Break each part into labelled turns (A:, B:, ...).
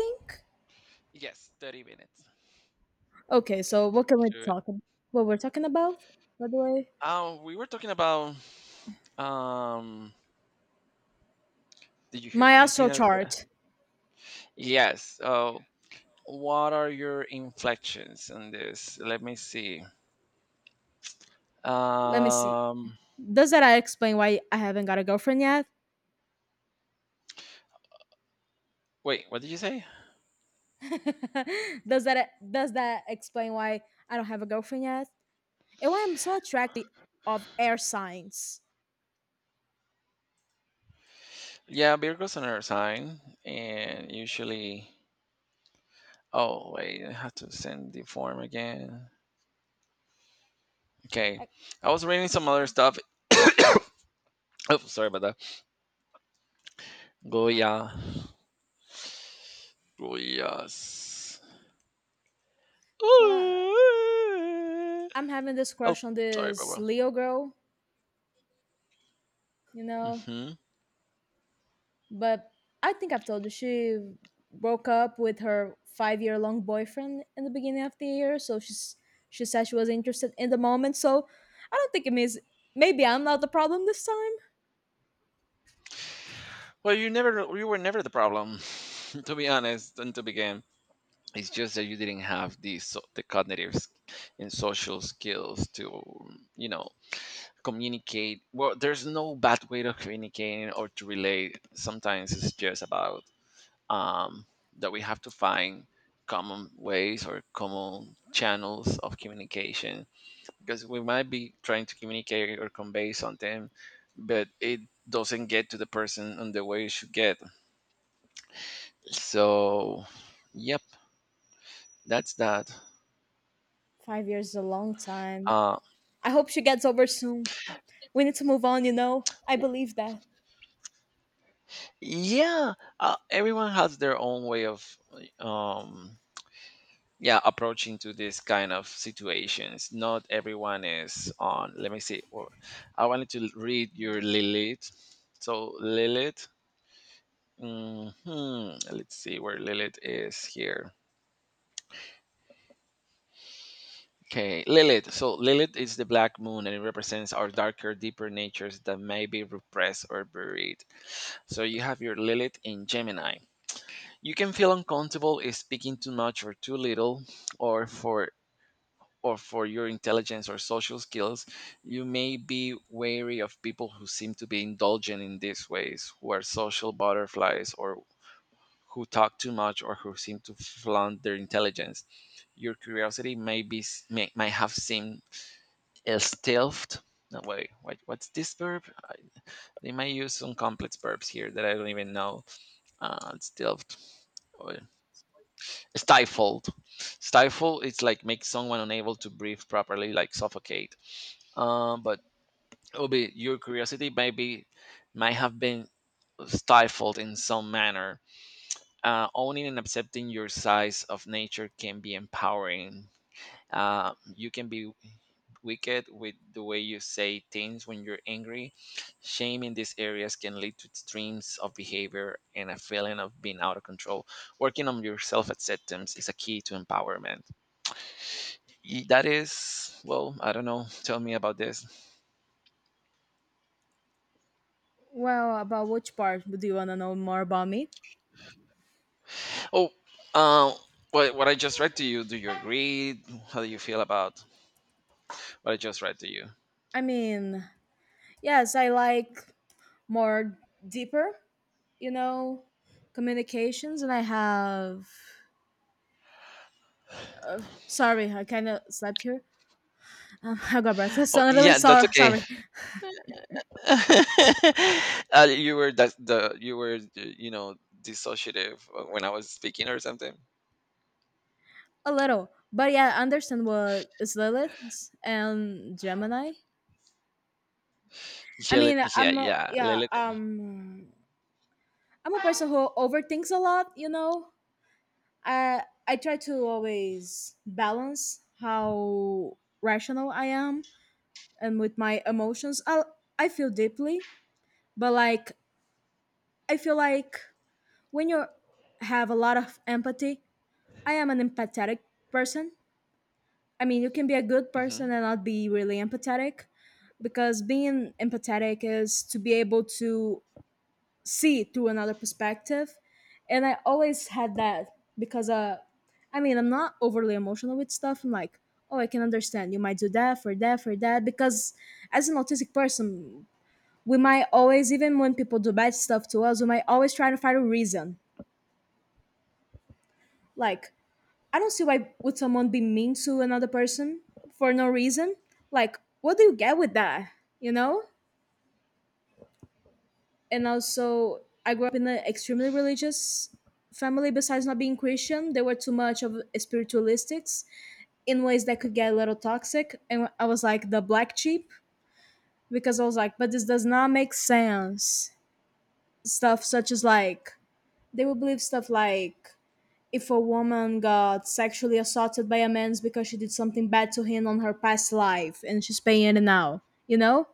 A: Think.
B: Yes, 30 minutes.
A: Okay, so what can we
B: Good.
A: talk about? What we're talking about, by the way?
B: We were talking about um did you hear
A: My
B: anything
A: astro
B: out there?
A: chart.
B: Yes. What are your inflections on this? Let me see.
A: Let me see.
B: Um
A: Does that explain why I haven't got a girlfriend yet?
B: Wait, what did you say?
A: does that does that explain why I don't have a girlfriend yet? And why I'm so attracted of air signs.
B: Yeah, Virgo's on her sign and usually oh wait, I have to send the form again. Okay.
A: I-
B: I was reading some other stuff. oh sorry about that. Goya. Goyas.
A: So I,
B: Ooh.
A: I'm having this
B: Oh,
A: crush on
B: sorry,
A: this
B: Bobo.
A: Leo girl, you know,
B: hmm
A: but I think I've told you she broke up with her 5 year long boyfriend in the beginning of the year. She said she was interested in the moment. So I don't think it means maybe I'm not the problem this time.
B: Well, you were never the problem, to be honest, and to begin. It's just that you didn't have the so, the and social skills to, you know, communicate. Well, there's no bad way to communicate or to relate. Sometimes it's just about um, that we have to find common ways or common channels of communication, because we might be trying to communicate or convey something, but it doesn't get to the person on the way it should get. So, yep, that's that.
A: 5 years is a long time.
B: Uh,
A: I hope she gets over soon. We need to move on, you know. I believe that.
B: yeah, everyone has their own way of, um, yeah, approaching to this kind of situations. Not everyone is on. Let me see. Or I wanted to read your Lilith. So Lilith. hmm Let's see where Lilith is here. Okay, Lilith. So Lilith is the black moon, and it represents our darker, deeper natures that may be repressed or buried. So you have your Lilith in Gemini. You can feel uncomfortable if speaking too much or too little or for or for your intelligence or social skills. You may be wary of people who seem to be indulgent in these ways, who are social butterflies, or who talk too much, or who seem to flaunt their intelligence. Your curiosity may might have seemed stealthed. No, wait, what's this verb? I, they might use some complex verbs here that I don't even know. Stealthed. Or stifled. Stifle. It's like make someone unable to breathe properly, like suffocate. But it will be your curiosity maybe might have been stifled in some manner. Owning and accepting your size of nature can be empowering. You can be wicked with the way you say things when you're angry. Shame in these areas can lead to extremes of behavior and a feeling of being out of control. Working on your self acceptance is a key to empowerment. That is, well, I don't know. Tell me about this.
A: Well, about which part do you want to know more about me?
B: Oh, uh, what I just read to you, do you agree? How do you feel about what I just read to you?
A: I mean, yes, I like more deeper, you know, communications, and I have sorry, I kind of slept here. I got breathless.
B: Oh,
A: So I'm really
B: yeah, that's
A: sorry.
B: okay.
A: Sorry,
B: You were that the you were you know dissociative when I was speaking or something.
A: a little. But yeah, I understand what is Lilith and Gemini. I mean,
B: Gelatin, yeah, yeah,
A: yeah,
B: gelatin.
A: I'm a person who overthinks a lot. You know, I try to always balance how rational I am and with my emotions. I feel deeply, but like I feel like when you have a lot of empathy, I am an empathetic person. I mean, you can be a good person
B: hmm
A: and not be really empathetic, because being empathetic is to be able to see through another perspective. And I always had that because, I mean, I'm not overly emotional with stuff. I'm like, oh, I can understand. You might do that for that, for that. Because as an autistic person, we might always, even when people do bad stuff to us, we might always try to find a reason. Like, I don't see why would someone be mean to another person for no reason. Like, what do you get with that? You know? And also, I grew up in an extremely religious family. Besides not being Christian, they were too much of spiritualistics in ways that could get a little toxic. And I was like the black sheep because I was like, but this does not make sense. Stuff such as like they would believe stuff like if a woman got sexually assaulted by a man, it's because she did something bad to him on her past life and she's paying it now, you know.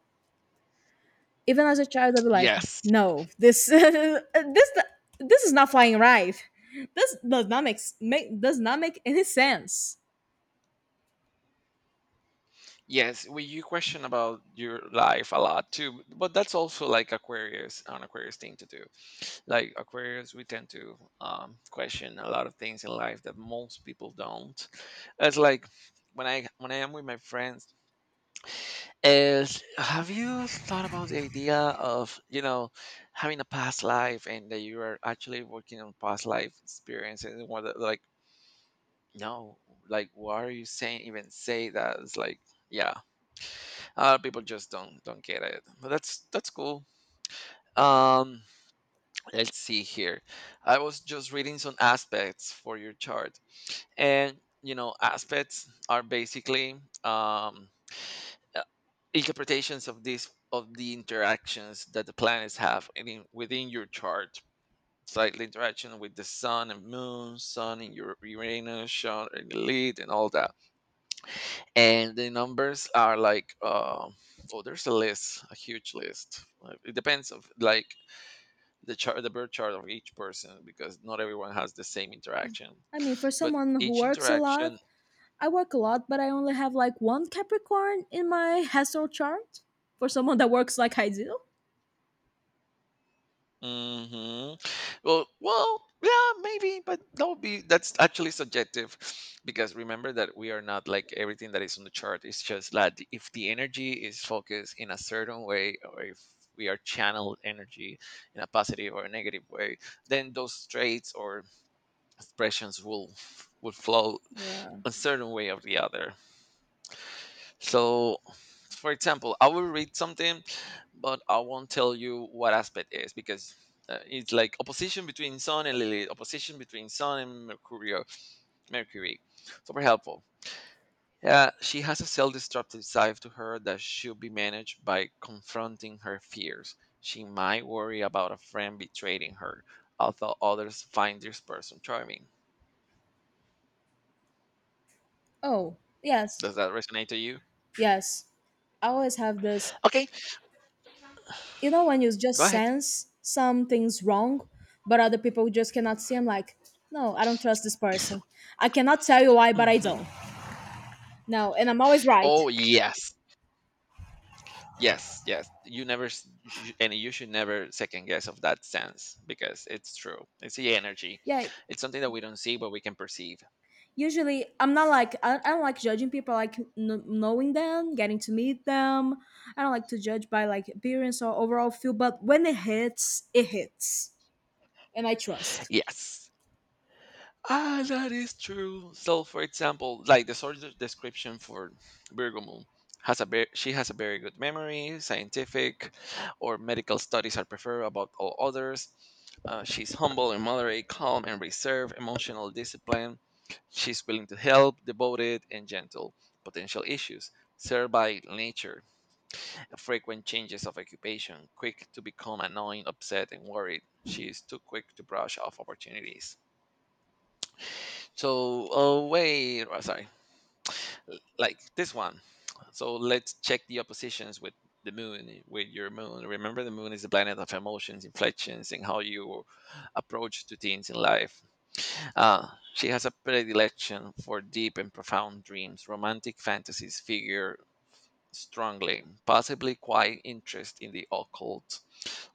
A: Even as a child I'd be like,
B: Yes,
A: no, this this is not flying right. This does not make any sense.
B: yes. Well, you question about your life a lot too, but that's also like Aquarius, an Aquarius thing to do. Like Aquarius, we tend to question a lot of things in life that most people don't. It's like when I am with my friends, is have you thought about the idea of, you know, having a past life and that you are actually working on past life experiences and what like. No, like why are you saying? Even say that? It's like, yeah, a lot of people just don't get it. But that's cool. Um, let's see here. I was just reading some aspects for your chart, and you know, aspects are basically um, uh, interpretations of these of the interactions that the planets have in, within your chart. It's like the interaction with the sun and moon, sun in your Uranus, sun and lead, and all that, and the numbers are like oh there's a huge list. It depends of like the birth chart of each person, because not everyone has the same interaction,
A: I mean, for
B: but
A: someone who
B: each
A: works a lot,
B: interaction.
A: I work a lot, but I only have like one Capricorn in my astral chart. For someone that works like I do.
B: Mm-hmm. Well, yeah, maybe, but that would be that's actually subjective, because remember that we are not like everything that is on the chart. It's just that the- if the energy is focused in a certain way, or if we are channeled energy in a positive or a negative way, then those traits or expressions will flow
A: Yeah.
B: a certain way or the other. So, for example, I will read something, but I won't tell you what aspect is because it's like opposition between Sun and Lilith, opposition between Sun and Mercurio, Mercury. Super helpful. Yeah, she has a self-destructive side to her that should be managed by confronting her fears. She might worry about a friend betraying her, although others find this person charming.
A: Oh yes.
B: Does that resonate to you?
A: Yes, I always have this.
B: Okay,
A: You know, when you
B: go
A: just
B: ahead.
A: sense something's wrong, but other people just cannot see. I'm like, no, I don't trust this person. I cannot tell you why, but I
B: hmm
A: don't. No, and I'm always right.
B: Oh yes, yes, yes. You never, s- and you should never second guess of that sense, because it's true. It's the energy.
A: Yeah,
B: It's something that we don't see, but we can perceive.
A: usually I'm not like I don't like judging people. I like knowing them, getting to meet them. I don't like to judge by like appearance or overall feel. But when it hits, and I trust.
B: Yes. Ah, that is true. So, for example, like the sort of description for Virgo Moon she has a very good memory. Scientific or medical studies are preferred about all others. She's humble and moderate, calm and reserved, emotional discipline. She's willing to help, devoted and gentle. Potential issues served by nature, frequent changes of occupation, quick to become annoying, upset and worried. She is too quick to brush off opportunities. So, oh wait, oh, sorry, like this one. So let's check the oppositions with with your moon. Remember, the moon is the planet of emotions, inflections, and how you approach to things in life. Uh, she has a predilection for deep and profound dreams. Romantic fantasies figure strongly, possibly quite interest in the occult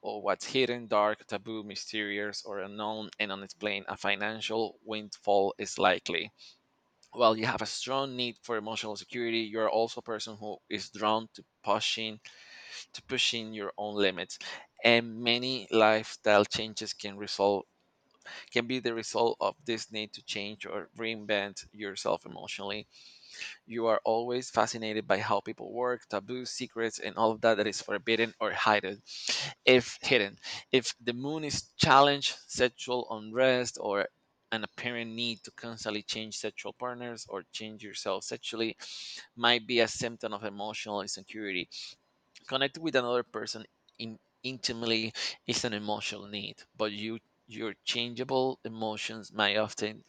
B: or what's hidden, dark, taboo, mysterious, or unknown and unexplained. A financial windfall is likely. Well, you have a strong need for emotional security. You're also a person who is drawn to pushing your own limits, and many lifestyle changes can be the result of this need to change or reinvent yourself emotionally. You are always fascinated by how people work, taboos, secrets, and all of that that is forbidden or hidden. If hidden, if the moon is challenged, sexual unrest, or an apparent need to constantly change sexual partners or change yourself sexually might be a symptom of emotional insecurity. Connect with another person intimately is an emotional need, but your changeable emotions may often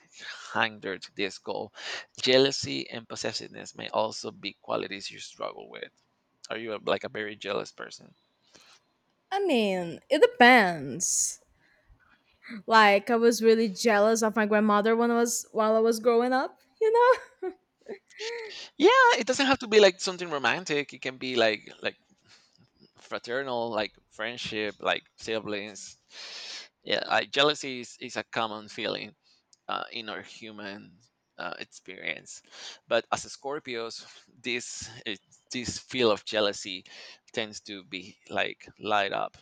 B: hinder this goal. Jealousy and possessiveness may also be qualities you struggle with. Are you a, like a very jealous person?
A: I mean, it depends. Like I was really jealous of my grandmother when I was while I was growing up, you know?
B: Yeah, it doesn't have to be like something romantic. It can be like fraternal, like friendship, like siblings. Yeah, like is a common feeling. In our human experience. But as Scorpios, this it, this feel of jealousy tends to be like light up.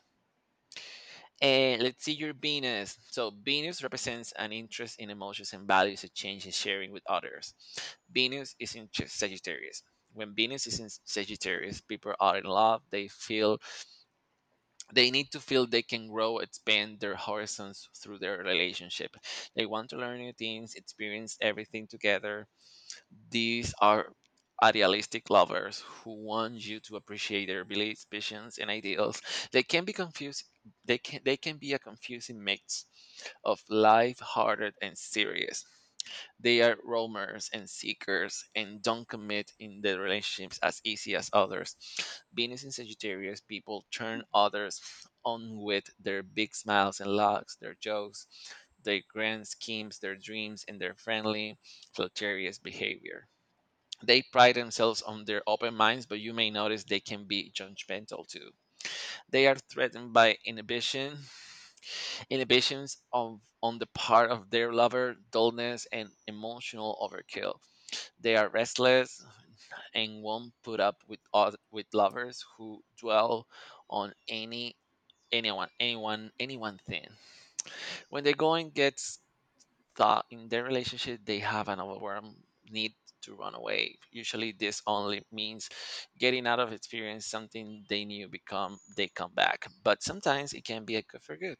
B: And let's see your Venus. So Venus represents an interest in emotions and values, exchange and sharing with others. Venus is in Sagittarius. When Venus is in Sagittarius, people are in love. They need to feel they can grow, expand their horizons through their relationship. They want to learn new things, experience everything together. These are idealistic lovers who want you to appreciate their beliefs, passions, and ideals. They can be confused. They can be a confusing mix of light-hearted and serious. They are roamers and seekers and don't commit in their relationships as easy as others. Venus in Sagittarius, people turn others on with their big smiles and laughs, their jokes, their grand schemes, their dreams, and their friendly, flirtatious behavior. They pride themselves on their open minds, but you may notice they can be judgmental too. They are threatened by inhibitions of on the part of their lover, dullness, and emotional overkill. They are restless and won't put up with with lovers who dwell on anyone thing. When the going gets thought in their relationship, they have an overwhelming need to run away. Usually this only means getting out of experience something they knew become they come back, but sometimes it can be a good for good.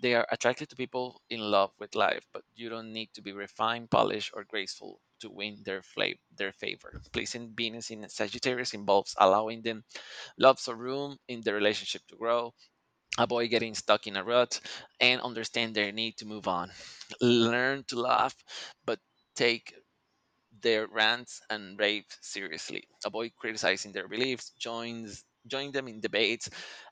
B: They are attracted to people in love with life, but you don't need to be refined, polished or graceful to win their favor. Pleasing Venus in Sagittarius involves allowing them lots of room in the relationship to grow, avoid getting stuck in a rut, and understand their need to move on. Learn to laugh, but take their rants and raves seriously. Avoid criticizing their beliefs. Join them in debates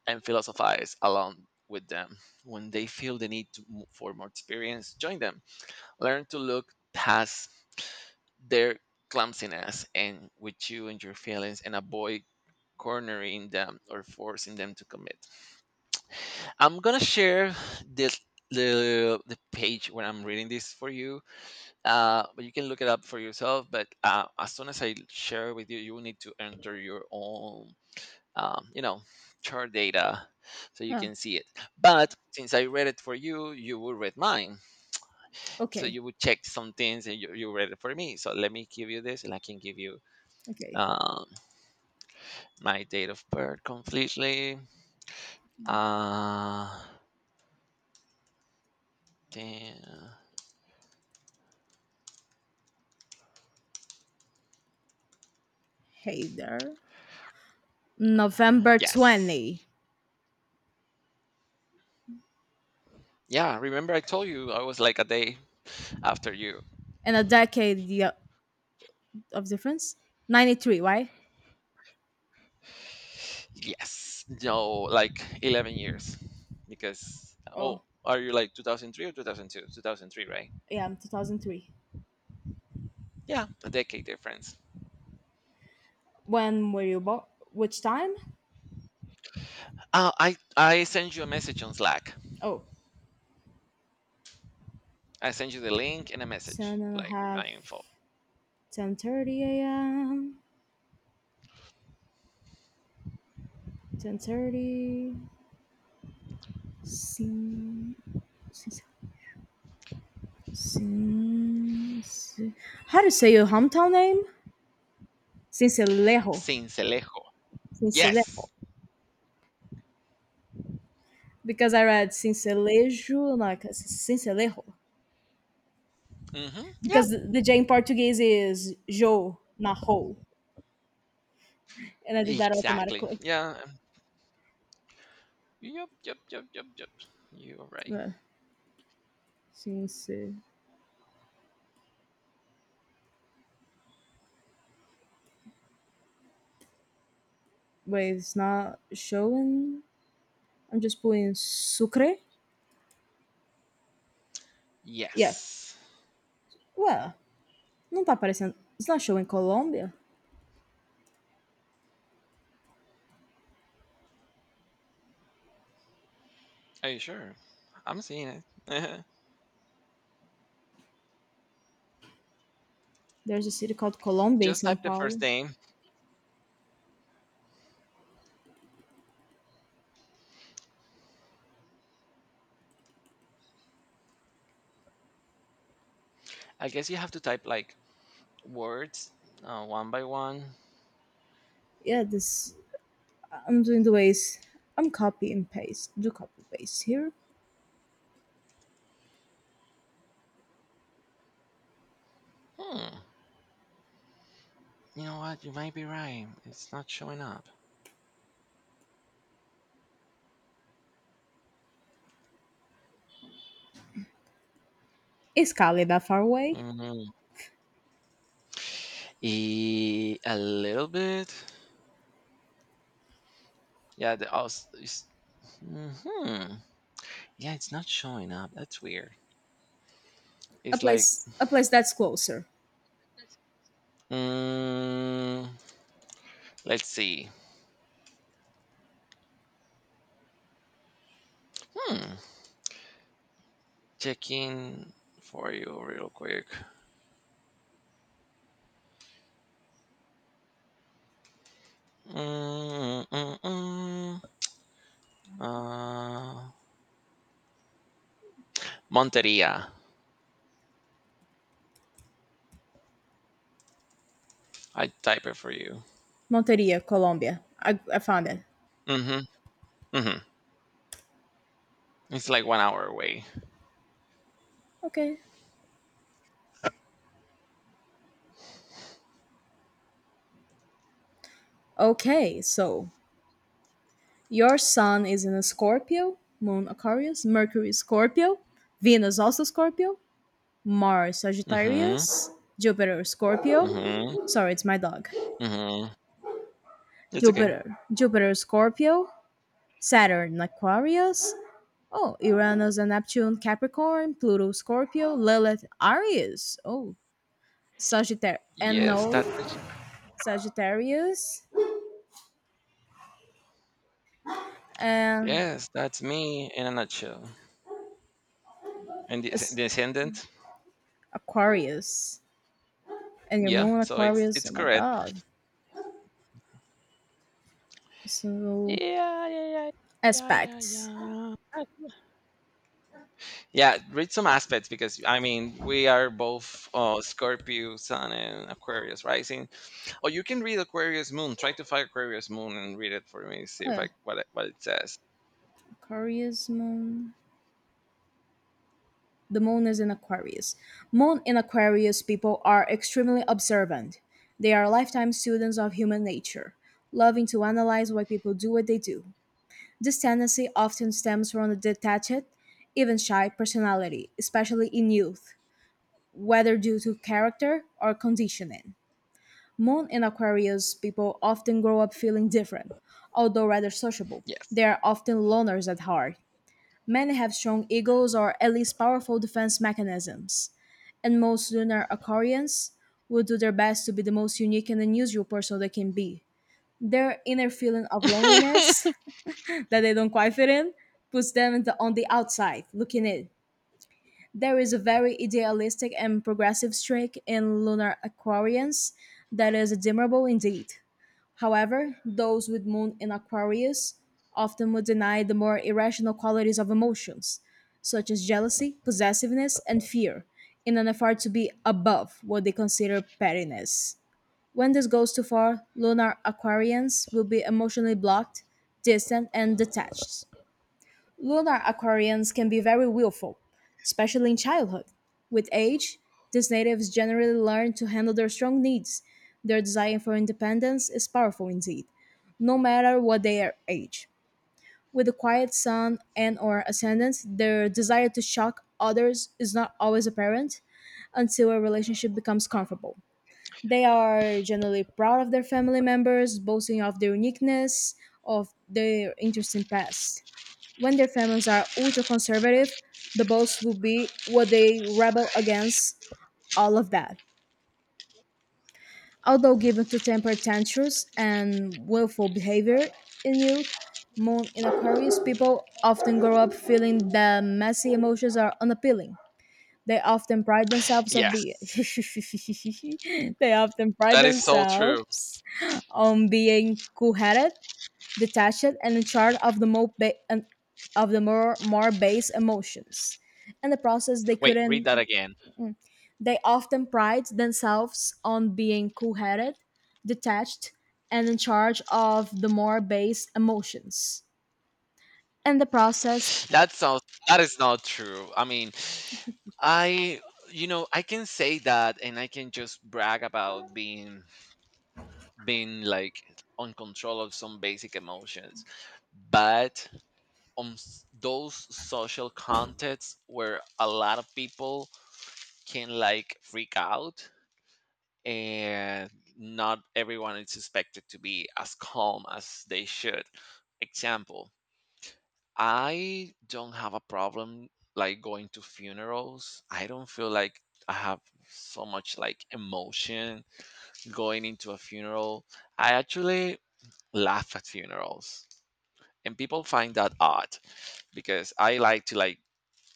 B: and philosophize along with them. When they feel the need for more experience join them. Learn to look past their clumsiness and with you and your feelings, and avoid cornering them or forcing them to commit. I'm gonna share this the page when I'm reading this for you. But you can look it up for yourself. But as soon as I share with you, you will need to enter your own, um, you know, chart data so you
A: Huh.
B: can see it. But since I read it for you, you will read mine. So
A: Okay.
B: you would check some things and you read it for me. So let me give you this, and I can give you
A: Okay.
B: um, my date of birth completely. Uh, then-
A: Hey there. November
B: yes.
A: 20
B: Yeah, remember I told you I was like a day after you.
A: and a decade of difference? 93, right?
B: Yes, no, like 11 years. Because,
A: Oh,
B: well, are you like 2003 or 2002? 2003, right?
A: yeah, I'm 2003.
B: Yeah, a decade difference.
A: When were you born? Which time?
B: I sent you a message on Slack.
A: Oh,
B: I sent you the link and a message, like with my info.
A: 10:30 a.m., 10:30, sin, sin, sin, sin. How to say your hometown name? Sincelejo,
B: Cincelejo.
A: Sincelejo,
B: Yes.
A: because I read Sincelejo, like Sincelejo,
B: Mm-hmm. Yeah,
A: because the J in Portuguese is jo, not ho, and I did that
B: exactly.
A: automatically.
B: Yeah. Yep, yep, yep, yep, yep. You are right.
A: Yeah, since, wait, it's not showing. I'm just putting sucre. Yeah.
B: Yes.
A: Well, não tá aparecendo. It's not showing Colombia.
B: Are you sure? I'm seeing it.
A: There's a city called Colombia in
B: Just
A: São
B: type the first
A: Paulo.
B: name. I guess you have to type like words one by one.
A: Yeah, this. I'm doing the ways. I'm copy and paste. Do copy paste here.
B: Hmm. You know what? You might be right. It's not showing up.
A: Is Cali that far away?
B: Mhm. E- a little bit. Yeah, the aus. Is, hmm, yeah, it's not showing up. That's weird. It's like,
A: A place that's closer.
B: mm, let's see. Hmm. Checking for you real quick. Mm, mm, mm. mm. Uh, Monteria. I type it for you.
A: Monteria, Colombia. I found it.
B: Mm-hmm. Mm-hmm. It's like 1 hour away.
A: Okay. Okay, so your sun is in a Scorpio, Moon Aquarius, Mercury Scorpio, Venus also Scorpio, Mars
B: Hmm.
A: Sagittarius, Jupiter Scorpio.
B: Hmm.
A: Sorry, it's my dog.
B: Hmm. It's okay.
A: Jupiter Scorpio, Saturn Aquarius. Oh, Uranus and Neptune Capricorn, Pluto Scorpio, Lilith Aries. Oh, Sagittarius. And
B: Yes,
A: no,
B: that's my ch-
A: Sagittarius and
B: yes, that's me in a nutshell. And the
A: it's
B: descendant.
A: Aquarius. And your
B: Yeah,
A: moon
B: so it's
A: Aquarius,
B: it's
A: oh my
B: correct.
A: god. So
B: Yeah, yeah, yeah, yeah, yeah,
A: aspects.
B: yeah. Yeah, read some aspects because I mean we are both Scorpio Sun and Aquarius Rising. Or you can read Aquarius Moon. Try to find Aquarius Moon and read it for me. See
A: Oh
B: if
A: yeah.
B: I what it says.
A: Aquarius moon. The moon is in Aquarius. Moon in Aquarius people are extremely observant. They are lifetime students of human nature, loving to analyze why people do what they do. This tendency often stems from a detached, even shy personality, especially in youth, whether due to character or conditioning. Moon in Aquarius people often grow up feeling different, although rather sociable. They
B: Yes,
A: are often loners at heart. Many have strong egos or at least powerful defense mechanisms. And most lunar Aquarians will do their best to be the most unique and unusual person they can be. Their inner feeling of loneliness that they don't quite fit in puts them on the outside looking in. There is a very idealistic and progressive streak in lunar Aquarians that is admirable indeed. However, those with Moon in Aquarius often would deny the more irrational qualities of emotions, such as jealousy, possessiveness, and fear, in an effort to be above what they consider pettiness. When this goes too far, lunar Aquarians will be emotionally blocked, distant, and detached. Lunar Aquarians can be very willful, especially in childhood. With age, these natives generally learn to handle their strong needs. Their desire for independence is powerful indeed no matter what their age. With a quiet sun and or ascendance, their desire to shock others is not always apparent until a relationship becomes comfortable. They are generally proud of their family members, boasting of their uniqueness, of their interesting past. When their families are ultra conservative, the boss will be what they rebel against all of that. Although given to temper tantrums and willful behavior in youth, moon Aquarius people often grow up feeling that messy emotions are unappealing. They often pride themselves of
B: yes,
A: being they often pride
B: that is so true.
A: themselves on being cool-headed, detached, and in charge of the more more base emotions. In the process, they
B: Wait, read that
A: couldn't
B: again.
A: They often pride themselves on being cool headed, detached, and in charge of the more base emotions. In the process,
B: That is not true. I mean, I you know, I can say that and I can just brag about being being like on control of some basic emotions. But those social contexts where a lot of people can like freak out and not everyone is expected to be as calm as they should. Example, I don't have a problem like going to funerals. I don't feel like I have so much like emotion going into a funeral. I actually laugh at funerals, and people find that odd because I like to like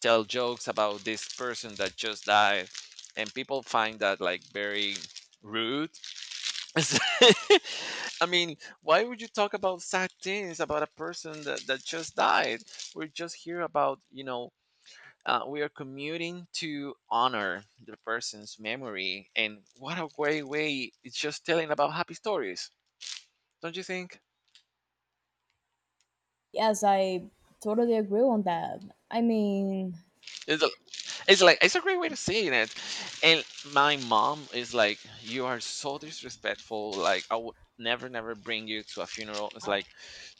B: tell jokes about this person that just died, and people find that like very rude. I mean, why would you talk about sad things about a person that just died? We're just here about, you know, we are commuting to honor the person's memory. And what a great way it's just telling about happy stories. Don't you think?
A: yes, I totally agree on that. I mean,
B: It's, a, it's a great way to say it. And my mom is like, you are so disrespectful. Like, I would never, never bring you to a funeral. It's like,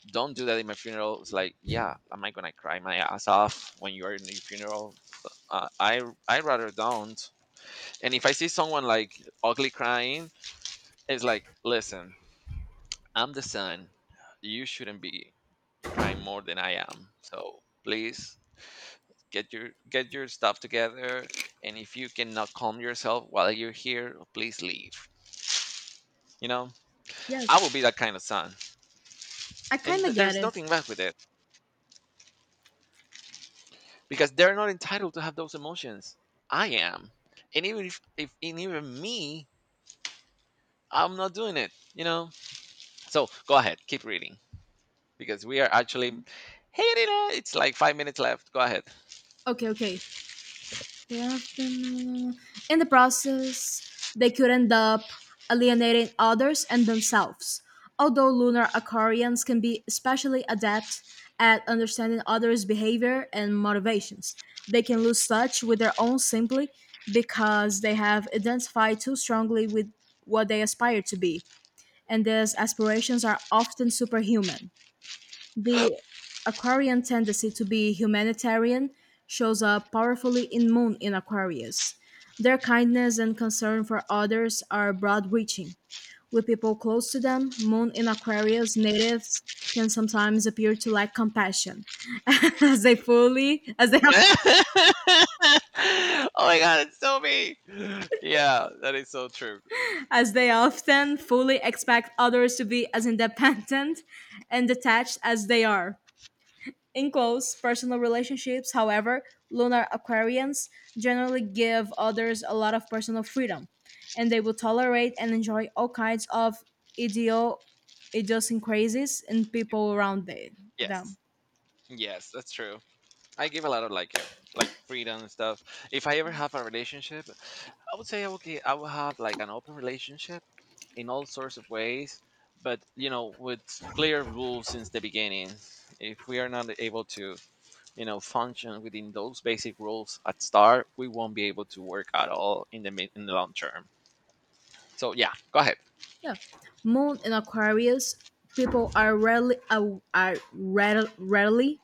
B: don't do that in my funeral. It's like, yeah, am I gonna cry my ass off when you are in your funeral? Uh, I I rather don't. And if I see someone like ugly crying, it's like, listen, I'm the son. You shouldn't be crying more than I am. So please get your stuff together. And if you cannot calm yourself while you're here, please leave. You know, I
A: yes,
B: will be that kind of son,
A: I
B: and
A: kind of get
B: there's
A: it.
B: nothing wrong with it. Because they're not entitled to have those emotions. I am, and even if and even me, I'm not doing it. You know. So go ahead, keep reading because we are actually hitting it. It's like 5 minutes left. Go ahead.
A: Okay, okay. They often, in the process, they could end up alienating others and themselves. Although lunar Aquarians can be especially adept at understanding others' behavior and motivations, they can lose touch with their own simply because they have identified too strongly with what they aspire to be, and these aspirations are often superhuman. The Aquarian tendency to be humanitarian shows up powerfully in Moon in Aquarius. Their kindness and concern for others are broad reaching. With people close to them, Moon in Aquarius natives can sometimes appear to lack compassion, as they fully as they
B: Oh my god, it's so me. Yeah, that is so true.
A: as they often fully expect others to be as independent and detached as they are. In close personal relationships, however, lunar Aquarians generally give others a lot of personal freedom, and they will tolerate and enjoy all kinds of idio- idiosyncrasies in people around
B: Yes.
A: them.
B: Yes, that's true. I give a lot of like freedom and stuff. If I ever have a relationship, I would say okay, I will have like an open relationship in all sorts of ways, but you know, with clear rules since the beginning. If we are not able to, you know, function within those basic rules at start, we won't be able to work at all in the mid in the long term. So yeah, go ahead.
A: Yeah. Moon in Aquarius, people are rarely rarely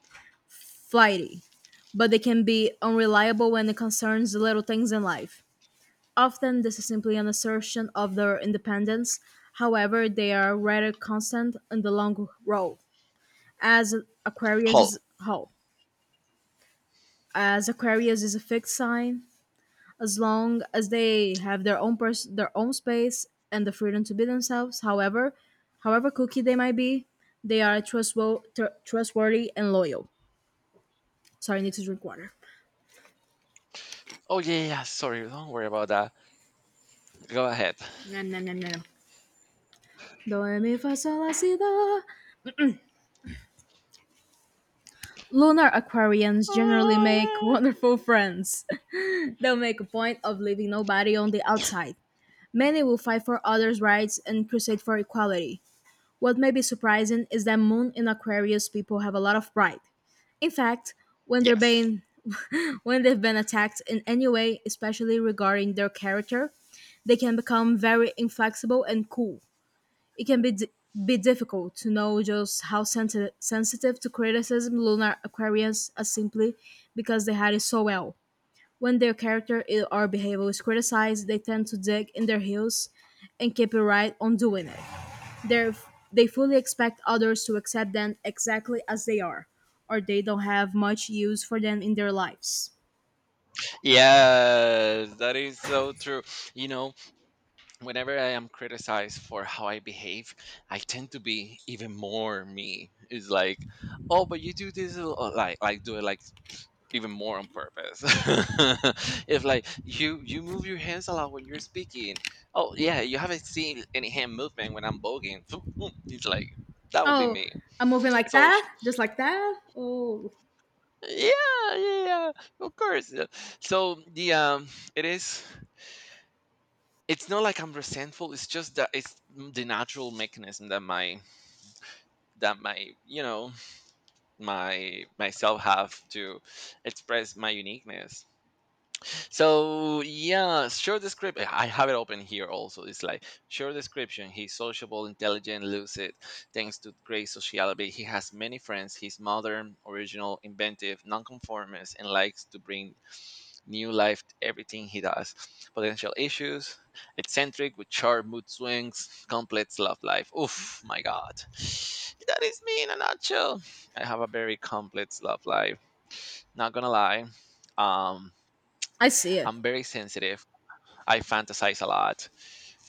A: flighty, but they can be unreliable when it concerns the little things in life. Often this is simply an assertion of their independence, however, they are rather constant in the long road. As Aquarius
B: Hull.
A: is how? As Aquarius is a fixed sign, as long as they have their own their own space and the freedom to be themselves, however, however cookie they might be, they are trustworthy and loyal. Sorry, I need to drink water.
B: Oh yeah, yeah, yeah, sorry, don't worry about that. Go ahead.
A: Nom, nom, nom, nom, do re mi fa sol la si do. Lunar Aquarians generally make wonderful friends. They'll make a point of leaving nobody on the outside. Many will fight for others' rights and crusade for equality. What may be surprising is that Moon and Aquarius people have a lot of pride. In fact, when they're
B: Yes.
A: being when they've been attacked in any way, especially regarding their character, they can become very inflexible and cool. It can be be difficult to know just how sensitive to criticism lunar Aquarians are simply because they hide it so well. When their character or behavior is criticized, they tend to dig in their heels and keep it right on doing it. They're, they fully expect others to accept them exactly as they are, or they don't have much use for them in their lives.
B: Yeah, that is so true. You know, whenever I am criticized for how I behave, I tend to be even more me. It's like, oh, but you do this a lot," like do it like even more on purpose. If like you move your hands a lot when you're speaking, oh yeah, you haven't seen any hand movement when I'm bogging. It's like that would be
A: Oh,
B: me.
A: I'm moving like
B: So sh-
A: that? Just like that? Oh,
B: yeah, yeah, yeah, of course. Yeah. So the it is. It's not like I'm resentful. It's just that it's the natural mechanism that my you know my myself have to express my uniqueness. So yeah, short description, I have it open here also. It's like short description, he's sociable, intelligent, lucid, thanks to great sociality, he has many friends. He's modern, original, inventive, nonconformist, and likes to bring new life to everything he does. Potential issues, eccentric with sharp mood swings, complex love life. Oof, my God. That is me in a nutshell. I have a very complex love life. Not gonna lie. Um,
A: I see it.
B: I'm very sensitive. I fantasize a lot.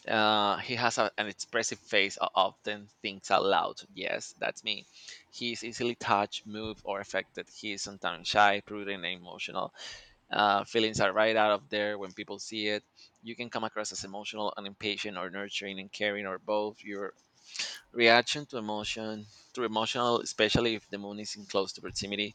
B: He has an expressive face. Often thinks aloud. Yes, that's me. He's easily touched, moved, or affected. He is sometimes shy, prudent, and emotional. Feelings are right out of there when people see it. You can come across as emotional and impatient, or nurturing and caring, or both. Your reaction to emotion, to emotional, especially if the moon is in close to proximity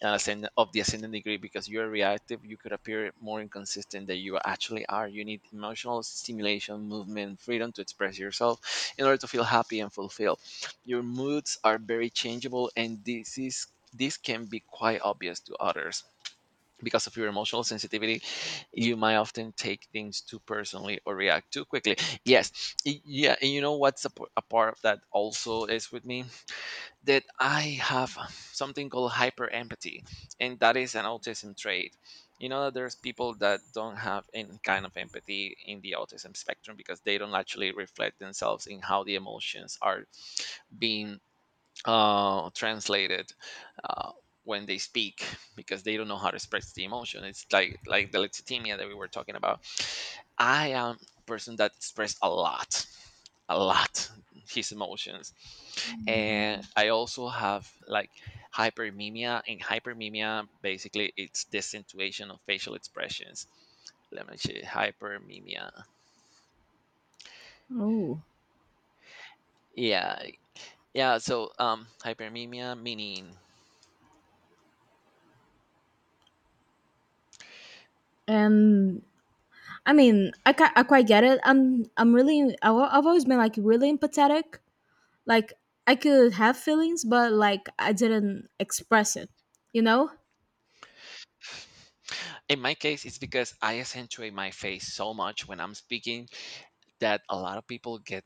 B: and ascend- of the ascendant degree, because you are reactive, you could appear more inconsistent than you actually are. You need emotional stimulation, movement, freedom to express yourself in order to feel happy and fulfilled. Your moods are very changeable, and this can be quite obvious to others. Because of your emotional sensitivity, you might often take things too personally or react too quickly. Yes, yeah, and you know what's a part of that also is with me that I have something called hyper empathy, and that is an autism trait. You know, that there's people that don't have any kind of empathy in the autism spectrum because they don't actually reflect themselves in how the emotions are being translated uh, when they speak because they don't know how to express the emotion. It's like the lexithymia that we were talking about. I am a person that expressed a lot his emotions, and I also have like hypermimia. And hypermimia basically it's accentuation of facial expressions. Let me see, hypermimia.
A: Oh,
B: Yeah, yeah. Hypermimia meaning
A: and I mean, I quite get it. I'm really have always been like really empathetic. Like I could have feelings, but like I didn't express it. You know?
B: in my case it's because I accentuate my face so much when I'm speaking that a lot of people get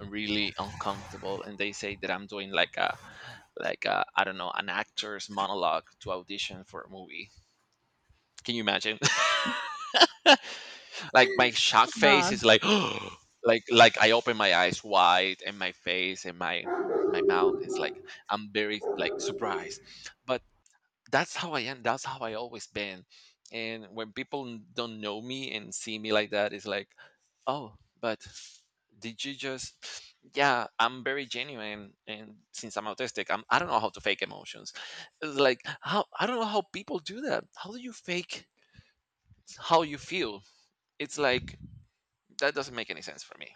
B: really uncomfortable and they say that I'm doing like a I don't know an actor's monologue to audition for a movie. Can you imagine? Like my shock face
A: Uh,
B: is like like I open my eyes wide and my face and my mouth is like I'm very like surprised, but that's how I am. That's how I always been. And when people don't know me and see me like that, it's like, oh, but did you just? Yeah, I'm very genuine, and since I'm autistic, I don't know how to fake emotions. It's like how I don't know how people do that. How do you fake how you feel? It's like that doesn't make any sense for me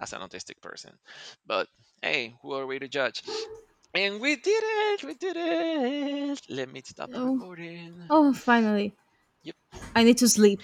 B: as an autistic person. But hey, who are we to judge? And we did it! We did it! Let me stop the
A: oh,
B: recording.
A: oh, finally,
B: Yep.
A: I need to sleep.